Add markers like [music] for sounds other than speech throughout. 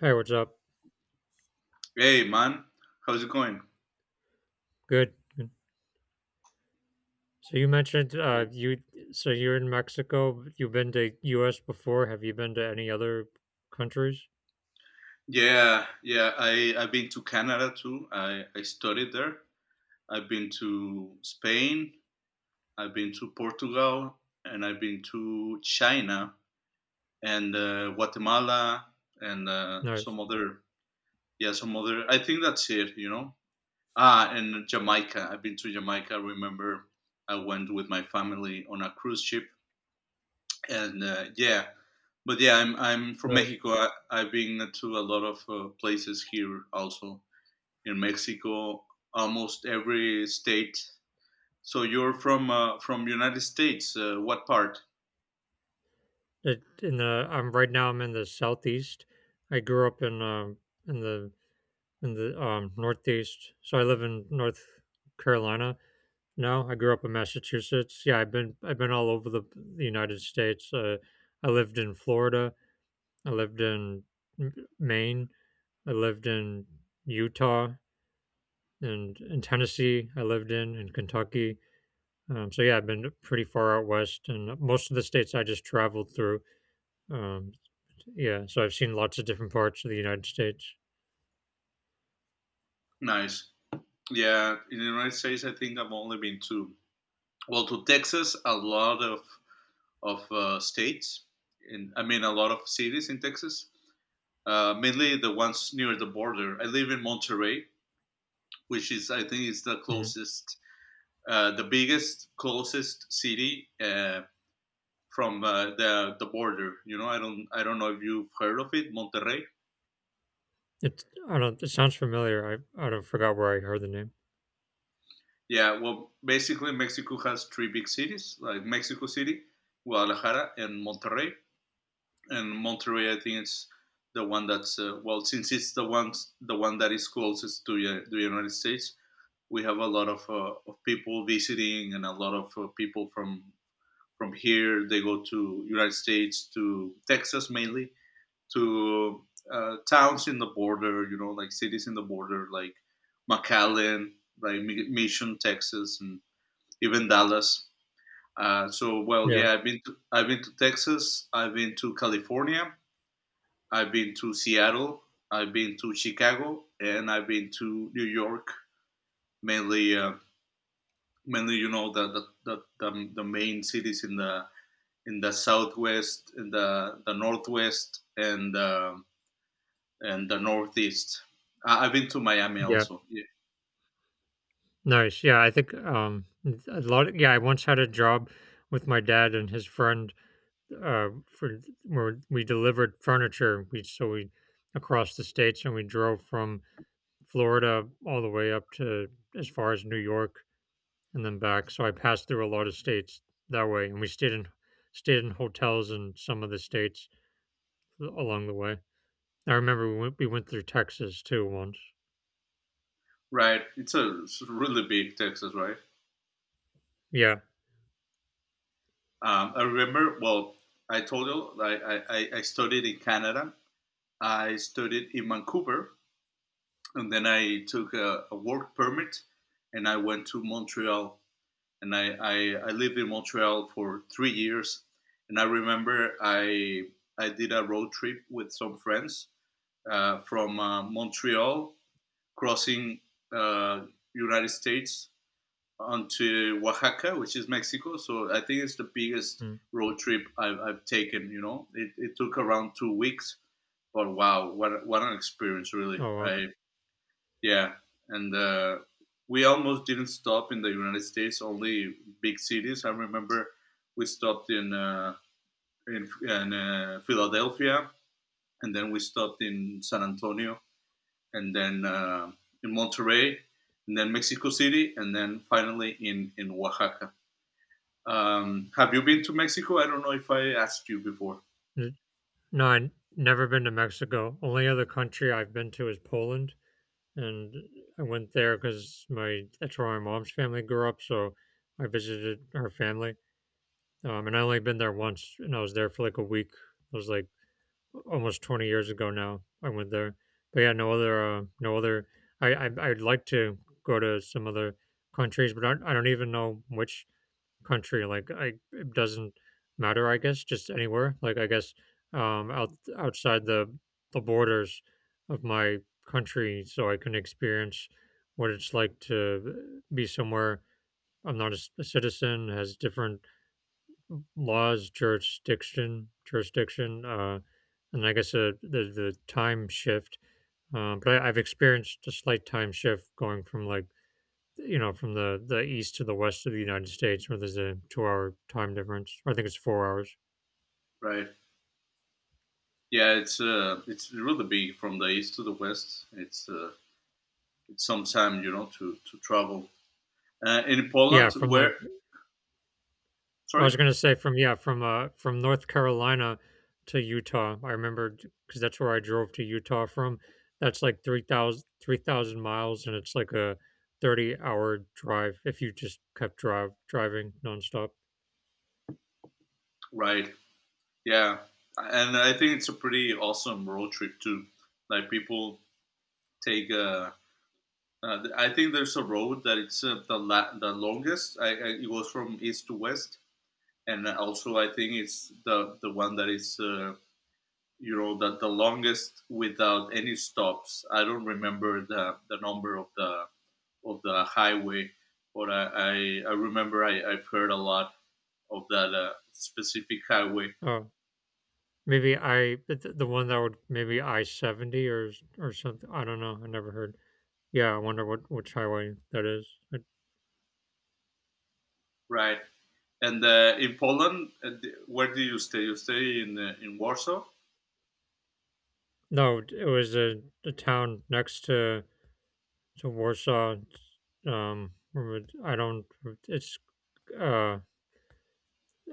Hey, what's up? Hey man, how's it going? Good. So you mentioned Cool. you you're in Mexico. You've been to US before. Have you been to any other countries? Yeah, yeah. I've been to Canada too. I studied there. I've been to Spain. I've been to Portugal, and I've been to China and Guatemala and Nice. some other. Yeah, some other. I think that's it. You know. Ah, and Jamaica. I've been to Jamaica. I remember I went with my family on a cruise ship, and yeah, but yeah, I'm from Nice. Mexico. I've been to a lot of places here also in Mexico, almost every state. So you're from United States. What part? It, in the I'm right now I'm in the southeast. I grew up in the in the northeast. So I live in North Carolina now. I grew up in Massachusetts. Yeah, I've been all over the United States. I lived in Florida. I lived in M- Maine. I lived in Utah and in Tennessee. I lived in Kentucky. So yeah, I've been pretty far out west, and most of the states I just traveled through. Um, yeah, so I've seen lots of different parts of the United States. Nice. Yeah, in the United States, I think I've only been to, well, to Texas, a lot of states, and I mean a lot of cities in Texas. Mainly the ones near the border. I live in Monterrey, which is, I think, is the Mm. closest the biggest closest city from the border. You know, I don't know if you've heard of it, Monterrey. It I don't. It sounds familiar. I don't forgot where I heard the name. Yeah, well, basically Mexico has three big cities, like Mexico City, Guadalajara, and Monterrey. And Monterrey, I think it's the one that's well, since it's the one that is closest to the United States, we have a lot of people visiting and a lot of people from here. They go to United States to Texas mainly to towns in the border, like cities in the border, like McAllen, like Mission, Texas, and even Dallas. So, well, Yeah, yeah, I've been to Texas, I've been to California, I've been to Seattle, I've been to Chicago, and I've been to New York. Mainly, uh, mainly, the main cities in the southwest, in the northwest, and the Northeast. I've been to Miami yeah, also. Yeah. nice. Yeah, I think a lot. Yeah, I once had a job with my dad and his friend for where we delivered furniture. We across the states, and we drove from Florida all the way up to as far as New York and then back. So I passed through a lot of states that way, and we stayed in stayed in hotels in some of the states along the way. I remember we went through Texas too once. Right, it's really big, Texas, right? Yeah. I remember. Well, I told you I studied in Canada. I studied in Vancouver, and then I took a work permit, and I went to Montreal. And I lived in Montreal for 3 years, and I remember I did a road trip with some friends from Montreal crossing uh, United States onto Oaxaca, which is Mexico. So I think it's the biggest Mm. road trip I've taken. It took around 2 weeks, but wow, what an experience, really. Oh wow. I yeah, and we almost didn't stop in the United States, only big cities. I remember we stopped in Philadelphia, and then we stopped in San Antonio, and then in Monterrey, and then Mexico City, and then finally in Oaxaca. Have you been to Mexico? I don't know if I asked you before, N- No, I never been to Mexico. Only other country I've been to is Poland, and I went there because my that's where my mom's family grew up. So I visited her family, and I only been there once, and I was there for like a week. I was like almost 20 years ago now. I went there, but yeah, no other. I I'd like to go to some other countries, but I don't even know which country. Like, I it doesn't matter. I guess just anywhere. Like, I guess outside the borders of my country, so I can experience what it's like to be somewhere. I'm not a, a citizen, has different laws, jurisdiction. And I guess the time shift. But I've experienced a slight time shift going from like you know from the east to the west of the United States, where there's a 2 hour time difference. I think it's 4 hours. right? Yeah, it's really big from the east to the west. It's some time, to travel. In Yeah, Poland, from like where, I sorry, was gonna say from from North Carolina to Utah. I remember because that's where I drove to Utah from. That's like 3,000 miles, and it's like a 30 hour drive if you just kept drive driving nonstop. right? Yeah, and I think it's a pretty awesome road trip too. Like people take I think there's a road that it's the longest. It goes from east to west, and also I think it's the one that is the longest without any stops. I don't remember the number of the highway, but I remember I've heard a lot of that specific highway, Uh, Maybe I the one that would maybe I 70 or something. I don't know. I never heard. Yeah, I wonder what which highway that is. I, right? And in Poland, where do you stay? You stay in Warsaw, no, it was the town next to Warsaw. Um, I don't. It's uh,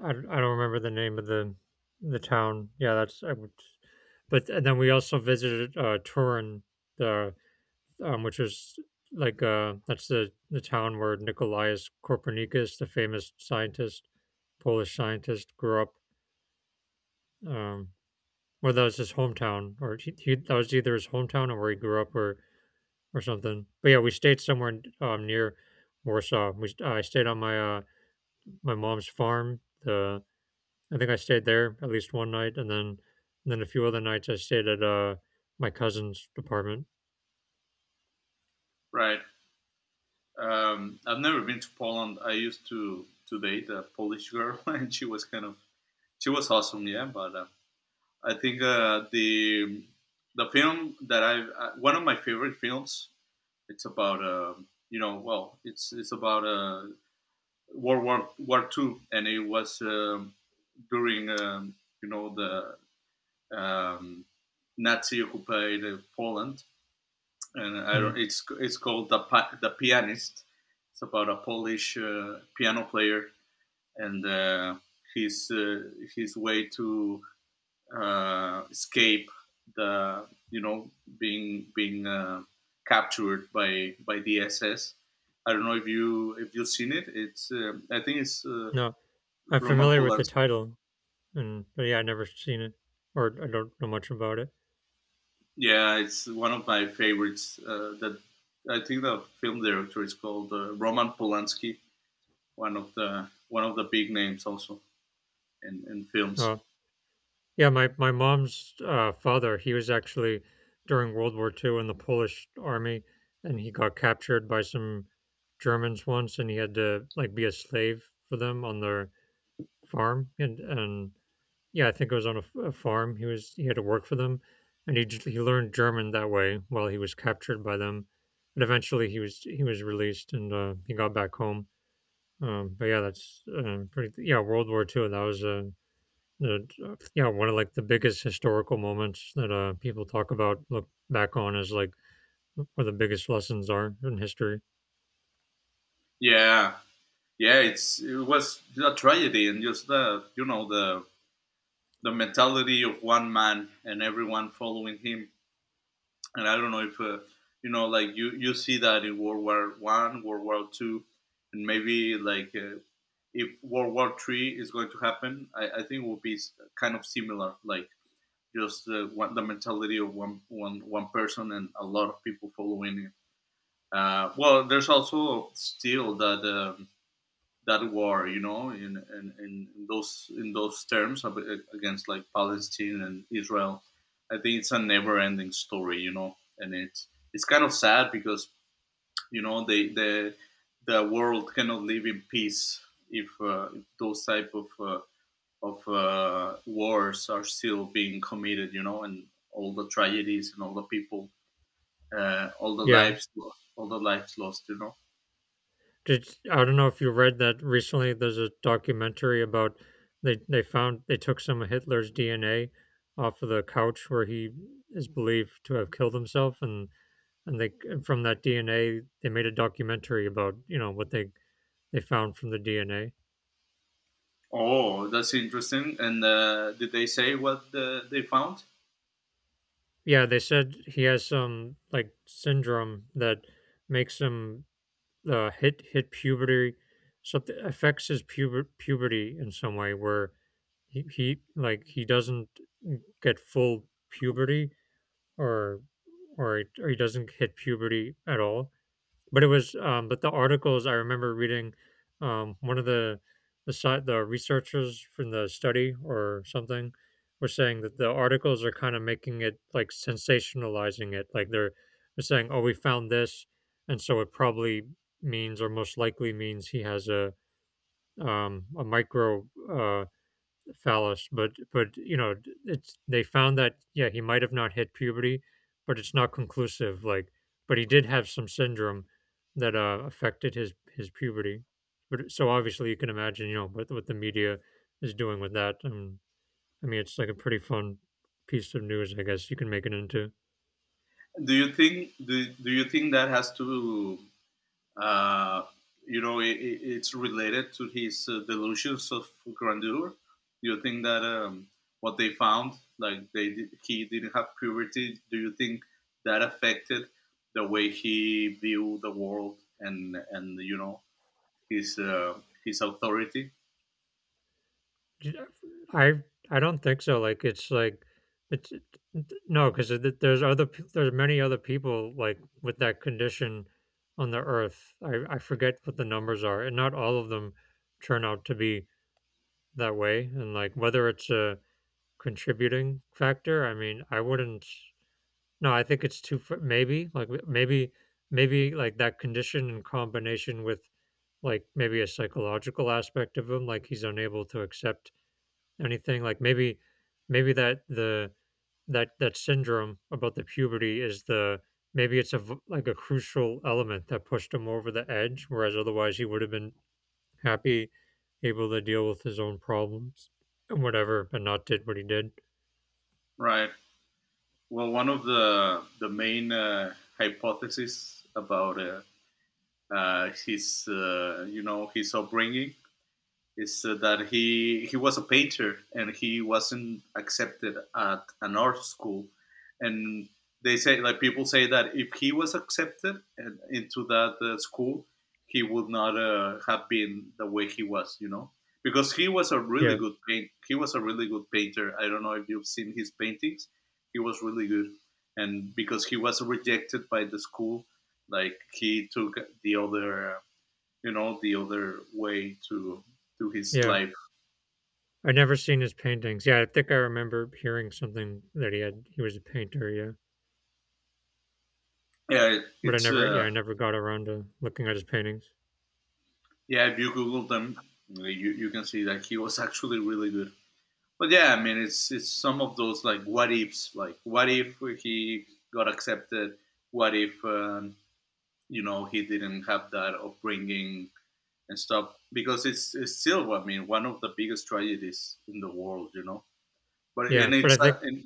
I don't remember the name of the town. Yeah, that's I would. But and then we also visited Turin, the which is that's the town where Nicolaus Copernicus, the famous scientist, Polish scientist, grew up. Um, well, that was his hometown, or that was either his hometown or where he grew up, or something. But yeah, we stayed somewhere near Warsaw. We I stayed on my my mom's farm. The I think I stayed there at least one night, and then a few other nights I stayed at my cousin's apartment. right? I've never been to Poland. I used to date a Polish girl, [laughs] and she was awesome, yeah. But I think the film that I one of my favorite films. It's about you know, well, it's about World War Two, and it was during the um, Nazi occupied Poland, and I Mm, don't. It's called The Pianist. It's about a Polish piano player and his way to escape, the you know being captured by the SS. I don't know if you've seen it. It's I think it's no, I'm Roman familiar with the Polanski. title. And but yeah, I never seen it or I don't know much about it. Yeah, it's one of my favorites. That I think the film director is called Roman Polanski, one of the big names also in films. Uh, yeah, my mom's father, he was actually during World War Two in the Polish army, and he got captured by some Germans once, and he had to like be a slave for them on their farm, and yeah, I think it was on a farm. He had to work for them, and he he learned German that way while he was captured by them, and eventually he was released and he got back home. But yeah, that's pretty. Yeah, World War Two. That was the yeah one of like the biggest historical moments that people talk about, look back on as like where the biggest lessons are in history. Yeah, yeah, it was a tragedy, and just the you know the mentality of one man and everyone following him. And I don't know if like you see that in World War I, World War II, and maybe like. If World War III is going to happen, I think it will be kind of similar, like just one, the mentality of one person and a lot of people following. Well, there's also still that war, in those terms, against like Palestine and Israel. I think it's a never-ending story, and it's kind of sad because you know they the the world cannot live in peace if, if those type of wars are still being committed, you know, and all the tragedies and all the people, all the Yeah, lives, all the lives lost, you know. did I don't know if you read that recently. There's a documentary about they found they took some of Hitler's DNA off of the couch where he is believed to have killed himself, and they and from that DNA they made a documentary about you know what they found from the DNA. Oh, that's interesting. And did they say what they found? Yeah, they said he has some like syndrome that makes him hit puberty, something affects his puberty in some way where he like he doesn't get full puberty or or he doesn't hit puberty at all. But but the articles I remember reading, one of the researchers from the study or something were saying that the articles are kind of making it like sensationalizing it, like they're saying, "Oh, we found this," and so it probably means or most likely means he has a micro phallus, but you know it's they found that yeah he might have not hit puberty, but it's not conclusive like, but he did have some syndrome that affected his puberty, but so obviously you can imagine you know what the media is doing with that. I mean it's like a pretty fun piece of news, I guess you can make it into. Do you think that has to, uh, it's related to his delusions of grandeur? Do you think that what they found, like they did, he didn't have purity? Do you think that affected the way he viewed the world, and his uh, his authority? J- I I don't think so. It's it- no, because there's many other people like with that condition on the earth. I forget what the numbers are, and not all of them turn out to be that way. And like whether it's a contributing factor, I mean, I wouldn't. No, I think it's maybe maybe like that condition in combination with like maybe a psychological aspect of him, like he's unable to accept anything like maybe that that syndrome about the puberty is the, maybe it's like a crucial element that pushed him over the edge, whereas otherwise he would have been happy, able to deal with his own problems and whatever, but not did what he did. Right. Well, one of the main hypotheses about his, his upbringing, is that he was a painter and he wasn't accepted at an art school, and they say, like people say, that if he was accepted into that school, he would not have been the way he was, you know, because he was a really Yeah, good paint. He was a really good painter. I don't know if you've seen his paintings. He was really good, and because he was rejected by the school, like he took the other, the other way to his yeah, life. I never seen his paintings. Yeah, I think I remember hearing something that he was a painter. Yeah, Yeah, but I it's never, yeah I never got around to looking at his paintings. yeah. If you Google them, you can see that he was [laughs] actually really good. But yeah, I mean, it's some of those, like, what ifs. Like, what if he got accepted? What if he didn't have that upbringing and stuff? Because it's still, I mean, one of the biggest tragedies in the world, you know. But Yeah, but I think and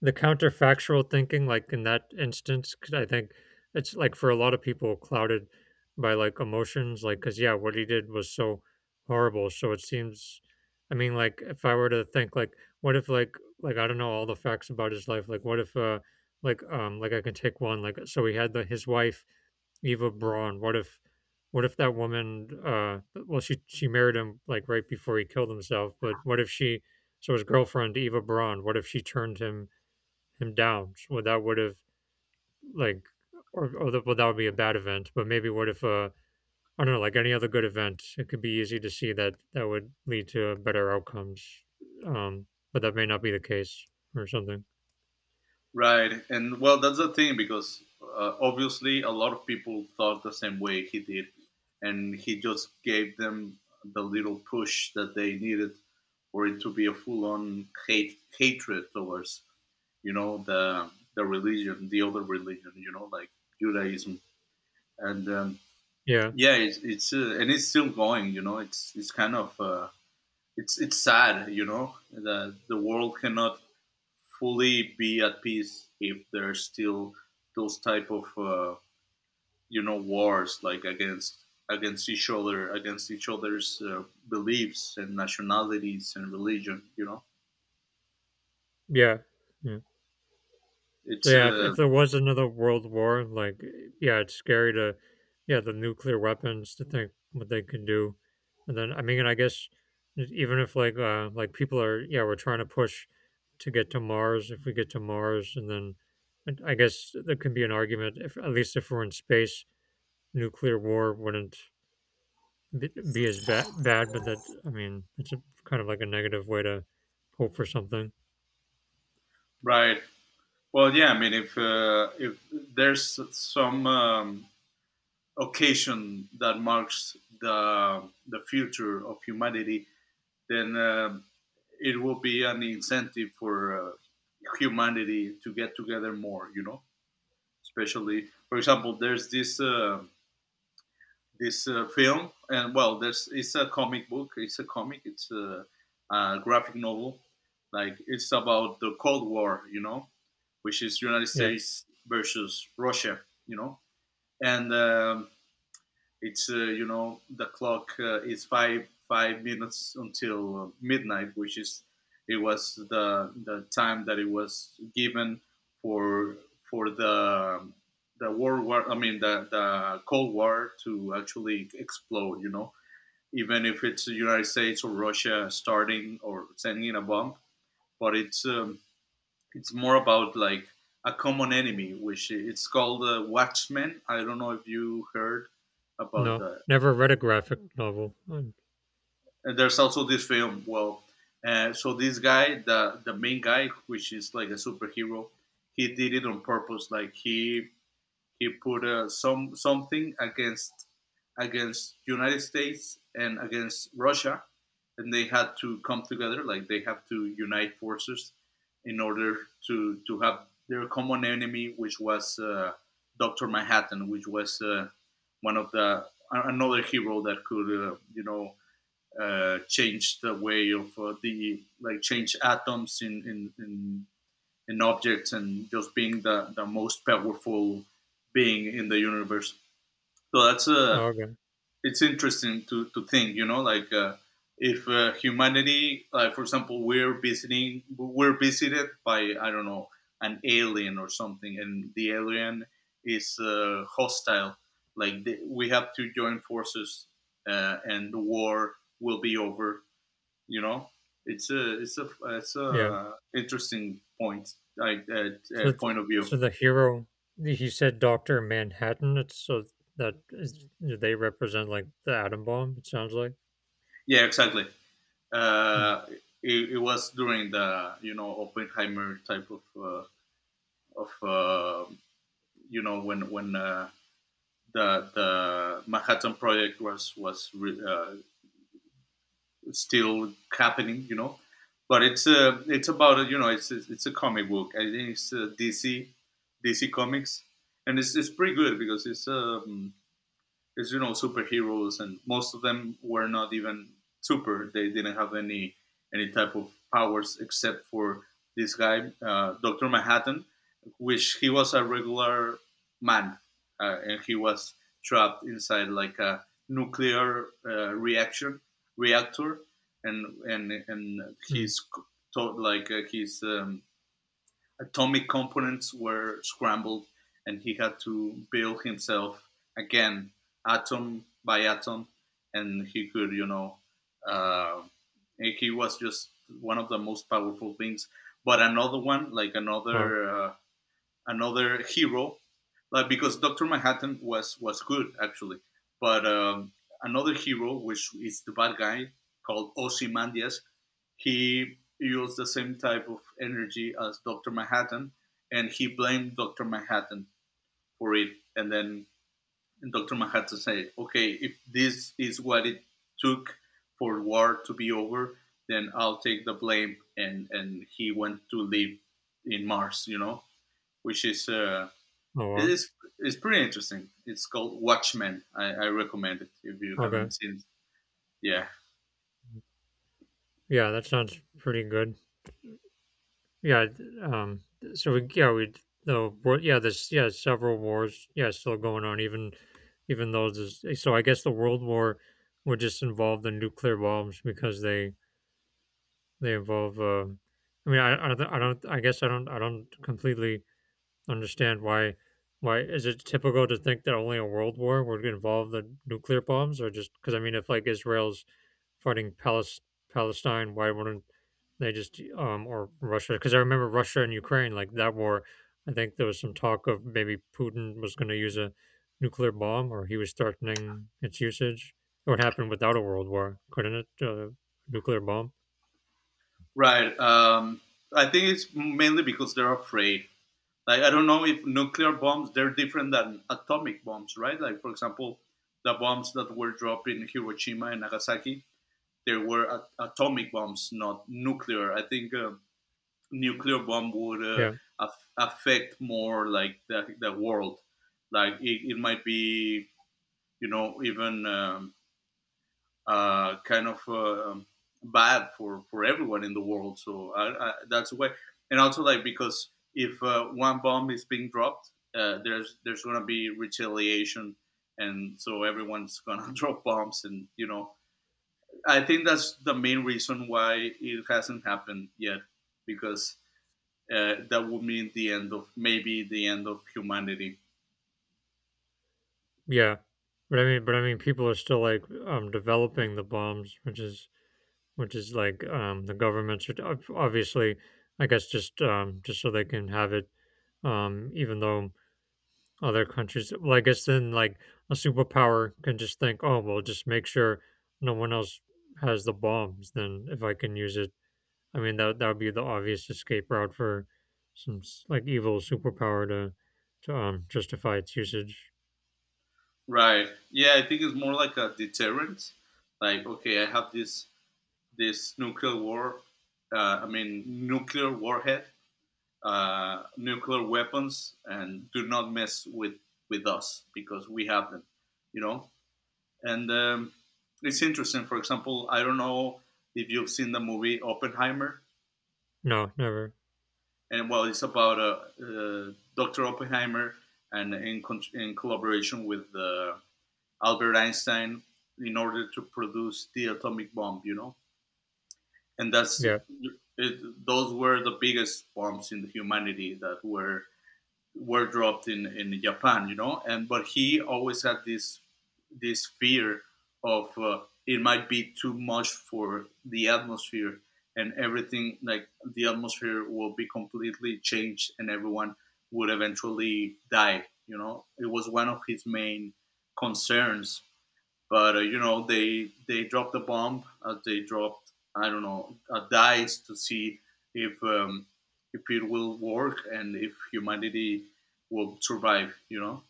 the counterfactual thinking, like in that instance, 'cause I think it's like for a lot of people clouded by like emotions, like, because yeah, what he did was so horrible. So it seems, I mean, like if I were to think, like, what if, like I don't know all the facts about his life. Like, what if, like I can take one. Like, so he had the his wife Eva Braun. What if that woman, well, she married him like right before he killed himself. But what if she, so his girlfriend Eva Braun, what if she turned him down. Well, that would have like, well, that would be a bad event. But maybe what if I don't know, like any other good event, it could be easy to see that that would lead to better outcomes. Um, but that may not be the case or something. Right, and well, that's the thing, because obviously a lot of people thought the same way he did, and he just gave them the little push that they needed for it to be a full-on hate hatred towards you know the the religion, the other religion, you know, like Judaism, and Yeah, yeah, it's and it's still going, you know, it's kind of it's sad, you know, that the world cannot fully be at peace if there's still those type of wars, like against each other against each other's beliefs and nationalities and religion, you know. yeah, yeah. So It's yeah, if there was another world war, like yeah, it's scary to, yeah the nuclear weapons to think what they can do. And then I mean, and I guess even if like like people are yeah we're trying to push to get to Mars, if we get to Mars, and then and I guess there can be an argument, if at least if we're in space, nuclear war wouldn't be as bad, but that I mean it's kind of like a negative way to hope for something. Right, well, yeah, I mean, if there's some occasion that marks the future of humanity, then it will be an incentive for humanity to get together more, you know. Especially, for example, there's this film. And, well, there's it's a comic book, it's a graphic novel. Like, it's about the Cold War, you know, which is United Yeah, States versus Russia, you know. And it's you know, the clock, is five five minutes until midnight, which, is it was the time that it was given for for the the World War. I mean, the Cold War to actually explode. You know, even if it's the United States or Russia starting or sending a bomb, but it's more about, like, a common enemy, which it's called, Watchmen. I don't know if you heard about no, that. never read a graphic novel. Oh, And there's also this film. Well, so this guy, the main guy, which is like a superhero, he did it on purpose. Like, he put something against United States and against Russia, and they had to come together. Like they have to unite forces in order to have their common enemy, which was Doctor Manhattan, which was one of the another hero that could change the way of the like change atoms in objects and just being the most powerful being in the universe. So that's a okay. it's interesting to think, if humanity, like for example, we're visited by I don't know an alien or something, and the alien is hostile. We have to join forces, and the war will be over you know it's a it's a it's Yeah. a interesting So, th- point of view. so the hero, he said Doctor Manhattan. It's so that is, do they represent like the atom bomb. It sounds like. Yeah, exactly. Mm, uh it, it was during the, you know, Oppenheimer type of you know, when the Manhattan Project was still happening, you know. But it's about, you know, it's a comic book. I think it's, DC Comics. And it's pretty good because it's is you know, superheroes, and most of them were not even super. They didn't have any type of powers except for this guy, Doctor Manhattan, which he was a regular man, and he was trapped inside like a nuclear reaction reactor, and mm. he's like, his atomic components were scrambled, and he had to build himself again, atom by atom, and he could, you know, uh, he was just one of the most powerful things. But another one, like Oh, another hero, like because Doctor Manhattan was good actually, but another hero, which is the bad guy called Ozymandias, he used the same type of energy as Dr. Manhattan, and he blamed Dr. Manhattan for it. And then Dr. Manhattan said, okay, if this is what it took for war to be over, then I'll take the blame. And he went to live in Mars, you know, which is. Uh, oh, it wow. is it's pretty interesting. It's called Watchmen. I recommend it if you haven't Okay. seen it. Yeah, Yeah, that sounds pretty good. Yeah. So yeah, we the war. Yeah, there's yeah several wars. Yeah, still going on. Even, even those. Is, so I guess the World War would just involve the nuclear bombs because they involve. I mean, I don't. I don't. I guess I don't. I don't completely understand why is it typical to think that only a world war would involve the nuclear bombs? Or just, because I mean, if like Israel's fighting Palestine, why wouldn't they just, or Russia? Because I remember Russia and Ukraine, like, that war, I think there was some talk of maybe Putin was going to use a nuclear bomb, or he was threatening its usage. It would happen without a world war, couldn't it? Nuclear bomb. right. I think it's mainly because they're afraid. Like I don't know if nuclear bombs they're different than atomic bombs, right? Like for example, the bombs that were dropped in Hiroshima and Nagasaki, they were atomic bombs, not nuclear. I think a nuclear bomb would, Yeah, affect more like the world. Like it might be, you know, even kind of bad for everyone in the world. So that's why, and also like because if one bomb is being dropped, there's gonna be retaliation, and so everyone's [laughs] gonna drop bombs, and you know, I think that's the main reason why it hasn't happened yet, because that would mean the end of, maybe the end of humanity. yeah. But I mean, people are still like, developing the bombs, which is like, the government should, obviously, I guess, just, just so they can have it. Even though other countries, well, I guess then like a superpower can just think, oh, well, just make sure no one else has the bombs. Then if I can use it, I mean that would be the obvious escape route for some, like, evil superpower to justify its usage. Right? Yeah, I think it's more like a deterrent. Like okay, I have this this nuclear war. I mean, nuclear warhead, nuclear weapons, and do not mess with us because we have them. You know, and it's interesting. For example, I don't know if you've seen the movie Oppenheimer, No, never. and well, it's about Dr. Oppenheimer, and in collaboration with Albert Einstein, in order to produce the atomic bomb. You know, and that's Yeah, it, those were the biggest bombs in humanity that were dropped in Japan, you know. And but he always had this this fear of it might be too much for the atmosphere, and everything. Like the atmosphere will be completely changed and everyone would eventually die, you know. It was one of his main concerns. But you know, they dropped a bomb as they dropped, I don't know, a dice to see if um, if it will work and if humanity will survive. You know,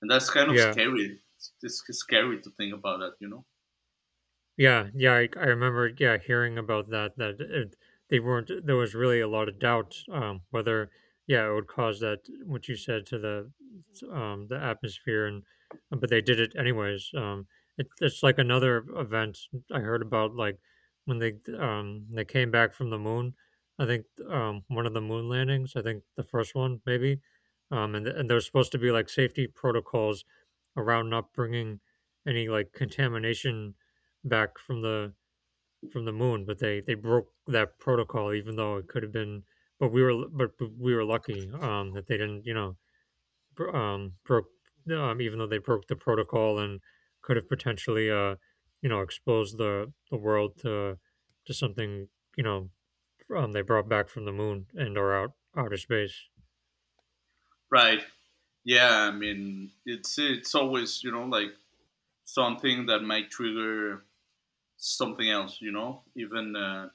and that's kind of yeah. scary. It's scary to think about that, you know. Yeah, yeah, I remember, yeah, hearing about that. That it, they weren't. There was really a lot of doubt, whether, yeah, it would cause that, what you said, to the, the atmosphere. And but they did it anyways. It's like another event I heard about, like, when they, they came back from the moon. I think, one of the moon landings. I think the first one, maybe. And there was supposed to be like safety protocols around not bringing any, like, contamination back from the, from the moon. But they broke that protocol, even though it could have been. But we were, but we were lucky, that they didn't, broke, even though they broke the protocol and could have potentially, exposed the world to, something, you know, they brought back from the moon, and or outer space. Right? Yeah, I mean, it's always, you know, like something that might trigger something else. You know, even.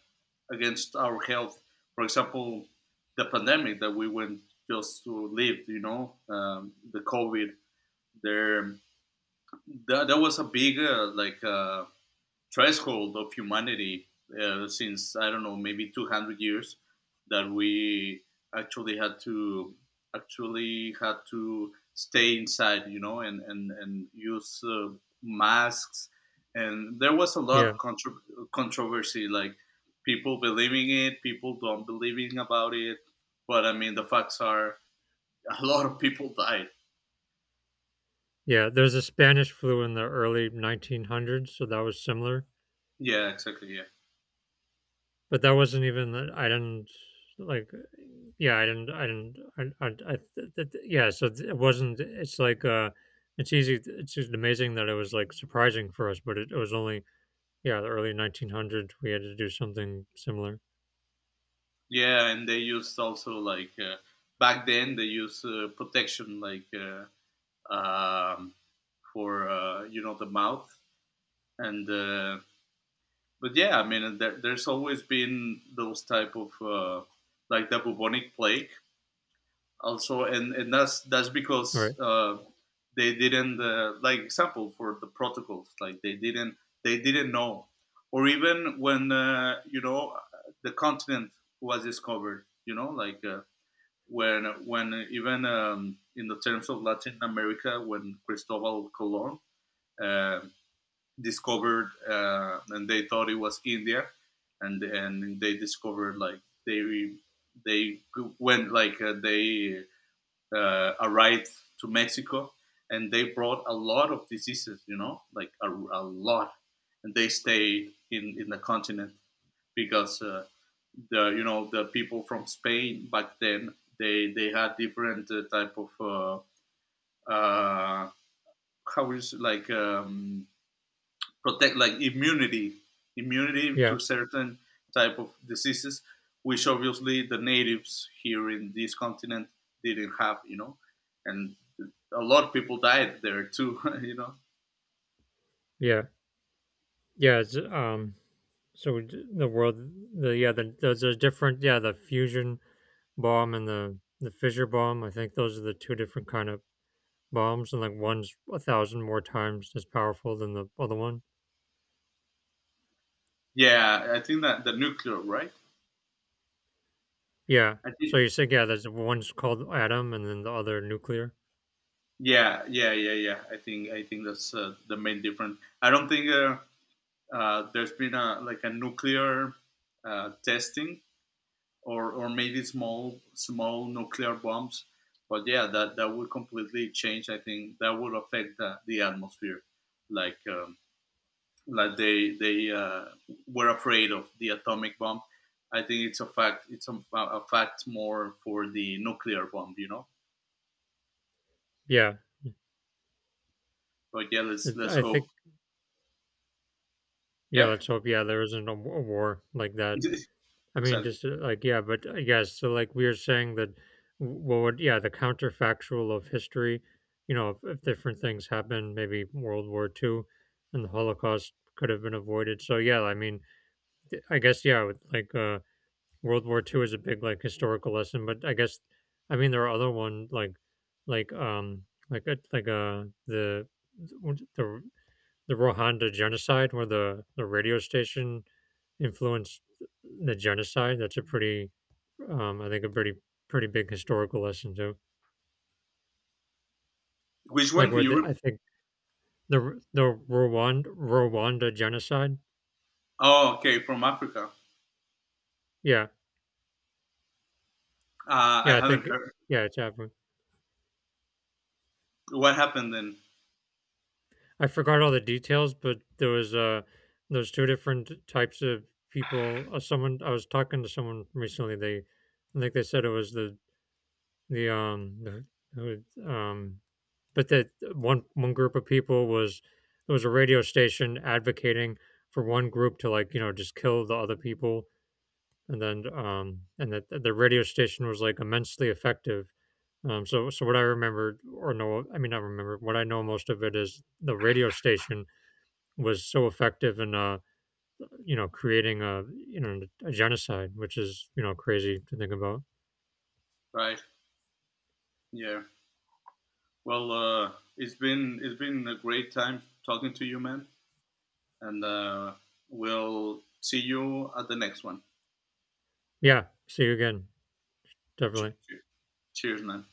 Against our health. For example, the pandemic that we went just to live, you know, the COVID. There, that, that was a big, threshold of humanity since I don't know, maybe 200 years that we actually had to actually had to stay inside, you know. And and use masks, and there was a lot Yeah, of controversy, like people believing it, people don't believing about it, but I mean the facts are a lot of people died. yeah. There's a Spanish flu in the early 1900s, so that was similar. Yeah, exactly, yeah. But that wasn't even, I didn't, like, yeah, I didn't I didn't I yeah, so it wasn't. It's like, it's easy. It's just amazing that it was like surprising for us, but it was only, yeah, the early 1900s we had to do something similar. Yeah, and they used also like, back then they used, protection like, um, for, you know, the mouth and but yeah, I mean there, there's always been those type of, like the bubonic plague also, and that's All because, right. They didn't, like example for the protocols, like they didn't know, or even when, you know, the continent was discovered, you know, like. When even in the terms of Latin America, when Cristobal Colon uh, discovered, and they thought it was India, and they discovered like they they went like, they arrived to Mexico, and they brought a lot of diseases, you know, like a lot, and they stayed in the continent because the, you know, the people from Spain back then they had different type of, uh, how is like protect like immunity immunity Yeah, to certain type of diseases, which obviously the natives here in this continent didn't have, you know. And a lot of people died there too [laughs] you know. yeah, yeah. It's, so we, the world, there's a different, yeah, the fusion bomb and the fissure bomb. I think those are the two different kind of bombs, and like one's a thousand more times as powerful than the other one. Yeah, I think that the nuclear, right. Yeah. I So think you said, yeah, there's, one's called atom, and then the other nuclear. yeah, yeah, yeah, yeah, I think I think that's the main difference. I don't think there's been a like a nuclear testing, or maybe small small nuclear bombs. But yeah, that that would completely change. I think that would affect the atmosphere, like um, like they were afraid of the atomic bomb. I think it's a fact. It's a fact more for the nuclear bomb, you know. Yeah, But yeah, it, let's I think. hope. Yeah, Yep, let's hope, yeah, there isn't a, a war like that. [laughs] I mean, exactly. just, like, yeah, but, yes. So like we were saying that, what would, yeah, the counterfactual of history, you know, if, different things happened, maybe World War Two and the Holocaust could have been avoided. So yeah, I mean, I guess, yeah, with, like, World War Two is a big, like, historical lesson. But I guess, I mean, there are other one, like, like um like the, the the Rwanda genocide, where the radio station influenced the genocide. That's a pretty, I think a pretty, pretty big historical lesson too. Which one Like, where can you? the, I Re- think, the the Rwanda genocide. oh, okay, from Africa. Yeah. I Yeah, I haven't think, heard. yeah, it's happening. What happened then? I forgot all the details, but there was, there's two different types of people. Someone, I was talking to someone recently. They, I think they said it was the, who- um but that one group of people was, there was a radio station advocating for one group to, like, just kill the other people. And then, and that, the radio station was like immensely effective. Um, so, what I remember, or, no, I mean, not remember, what I know most of it is, the radio station was so effective in, you know, creating a, a genocide, which is, you know, crazy to think about. Right. Yeah. Well, it's been a great time talking to you, man. And we'll see you at the next one. Yeah, see you again, definitely. Che- che- Cheers, man.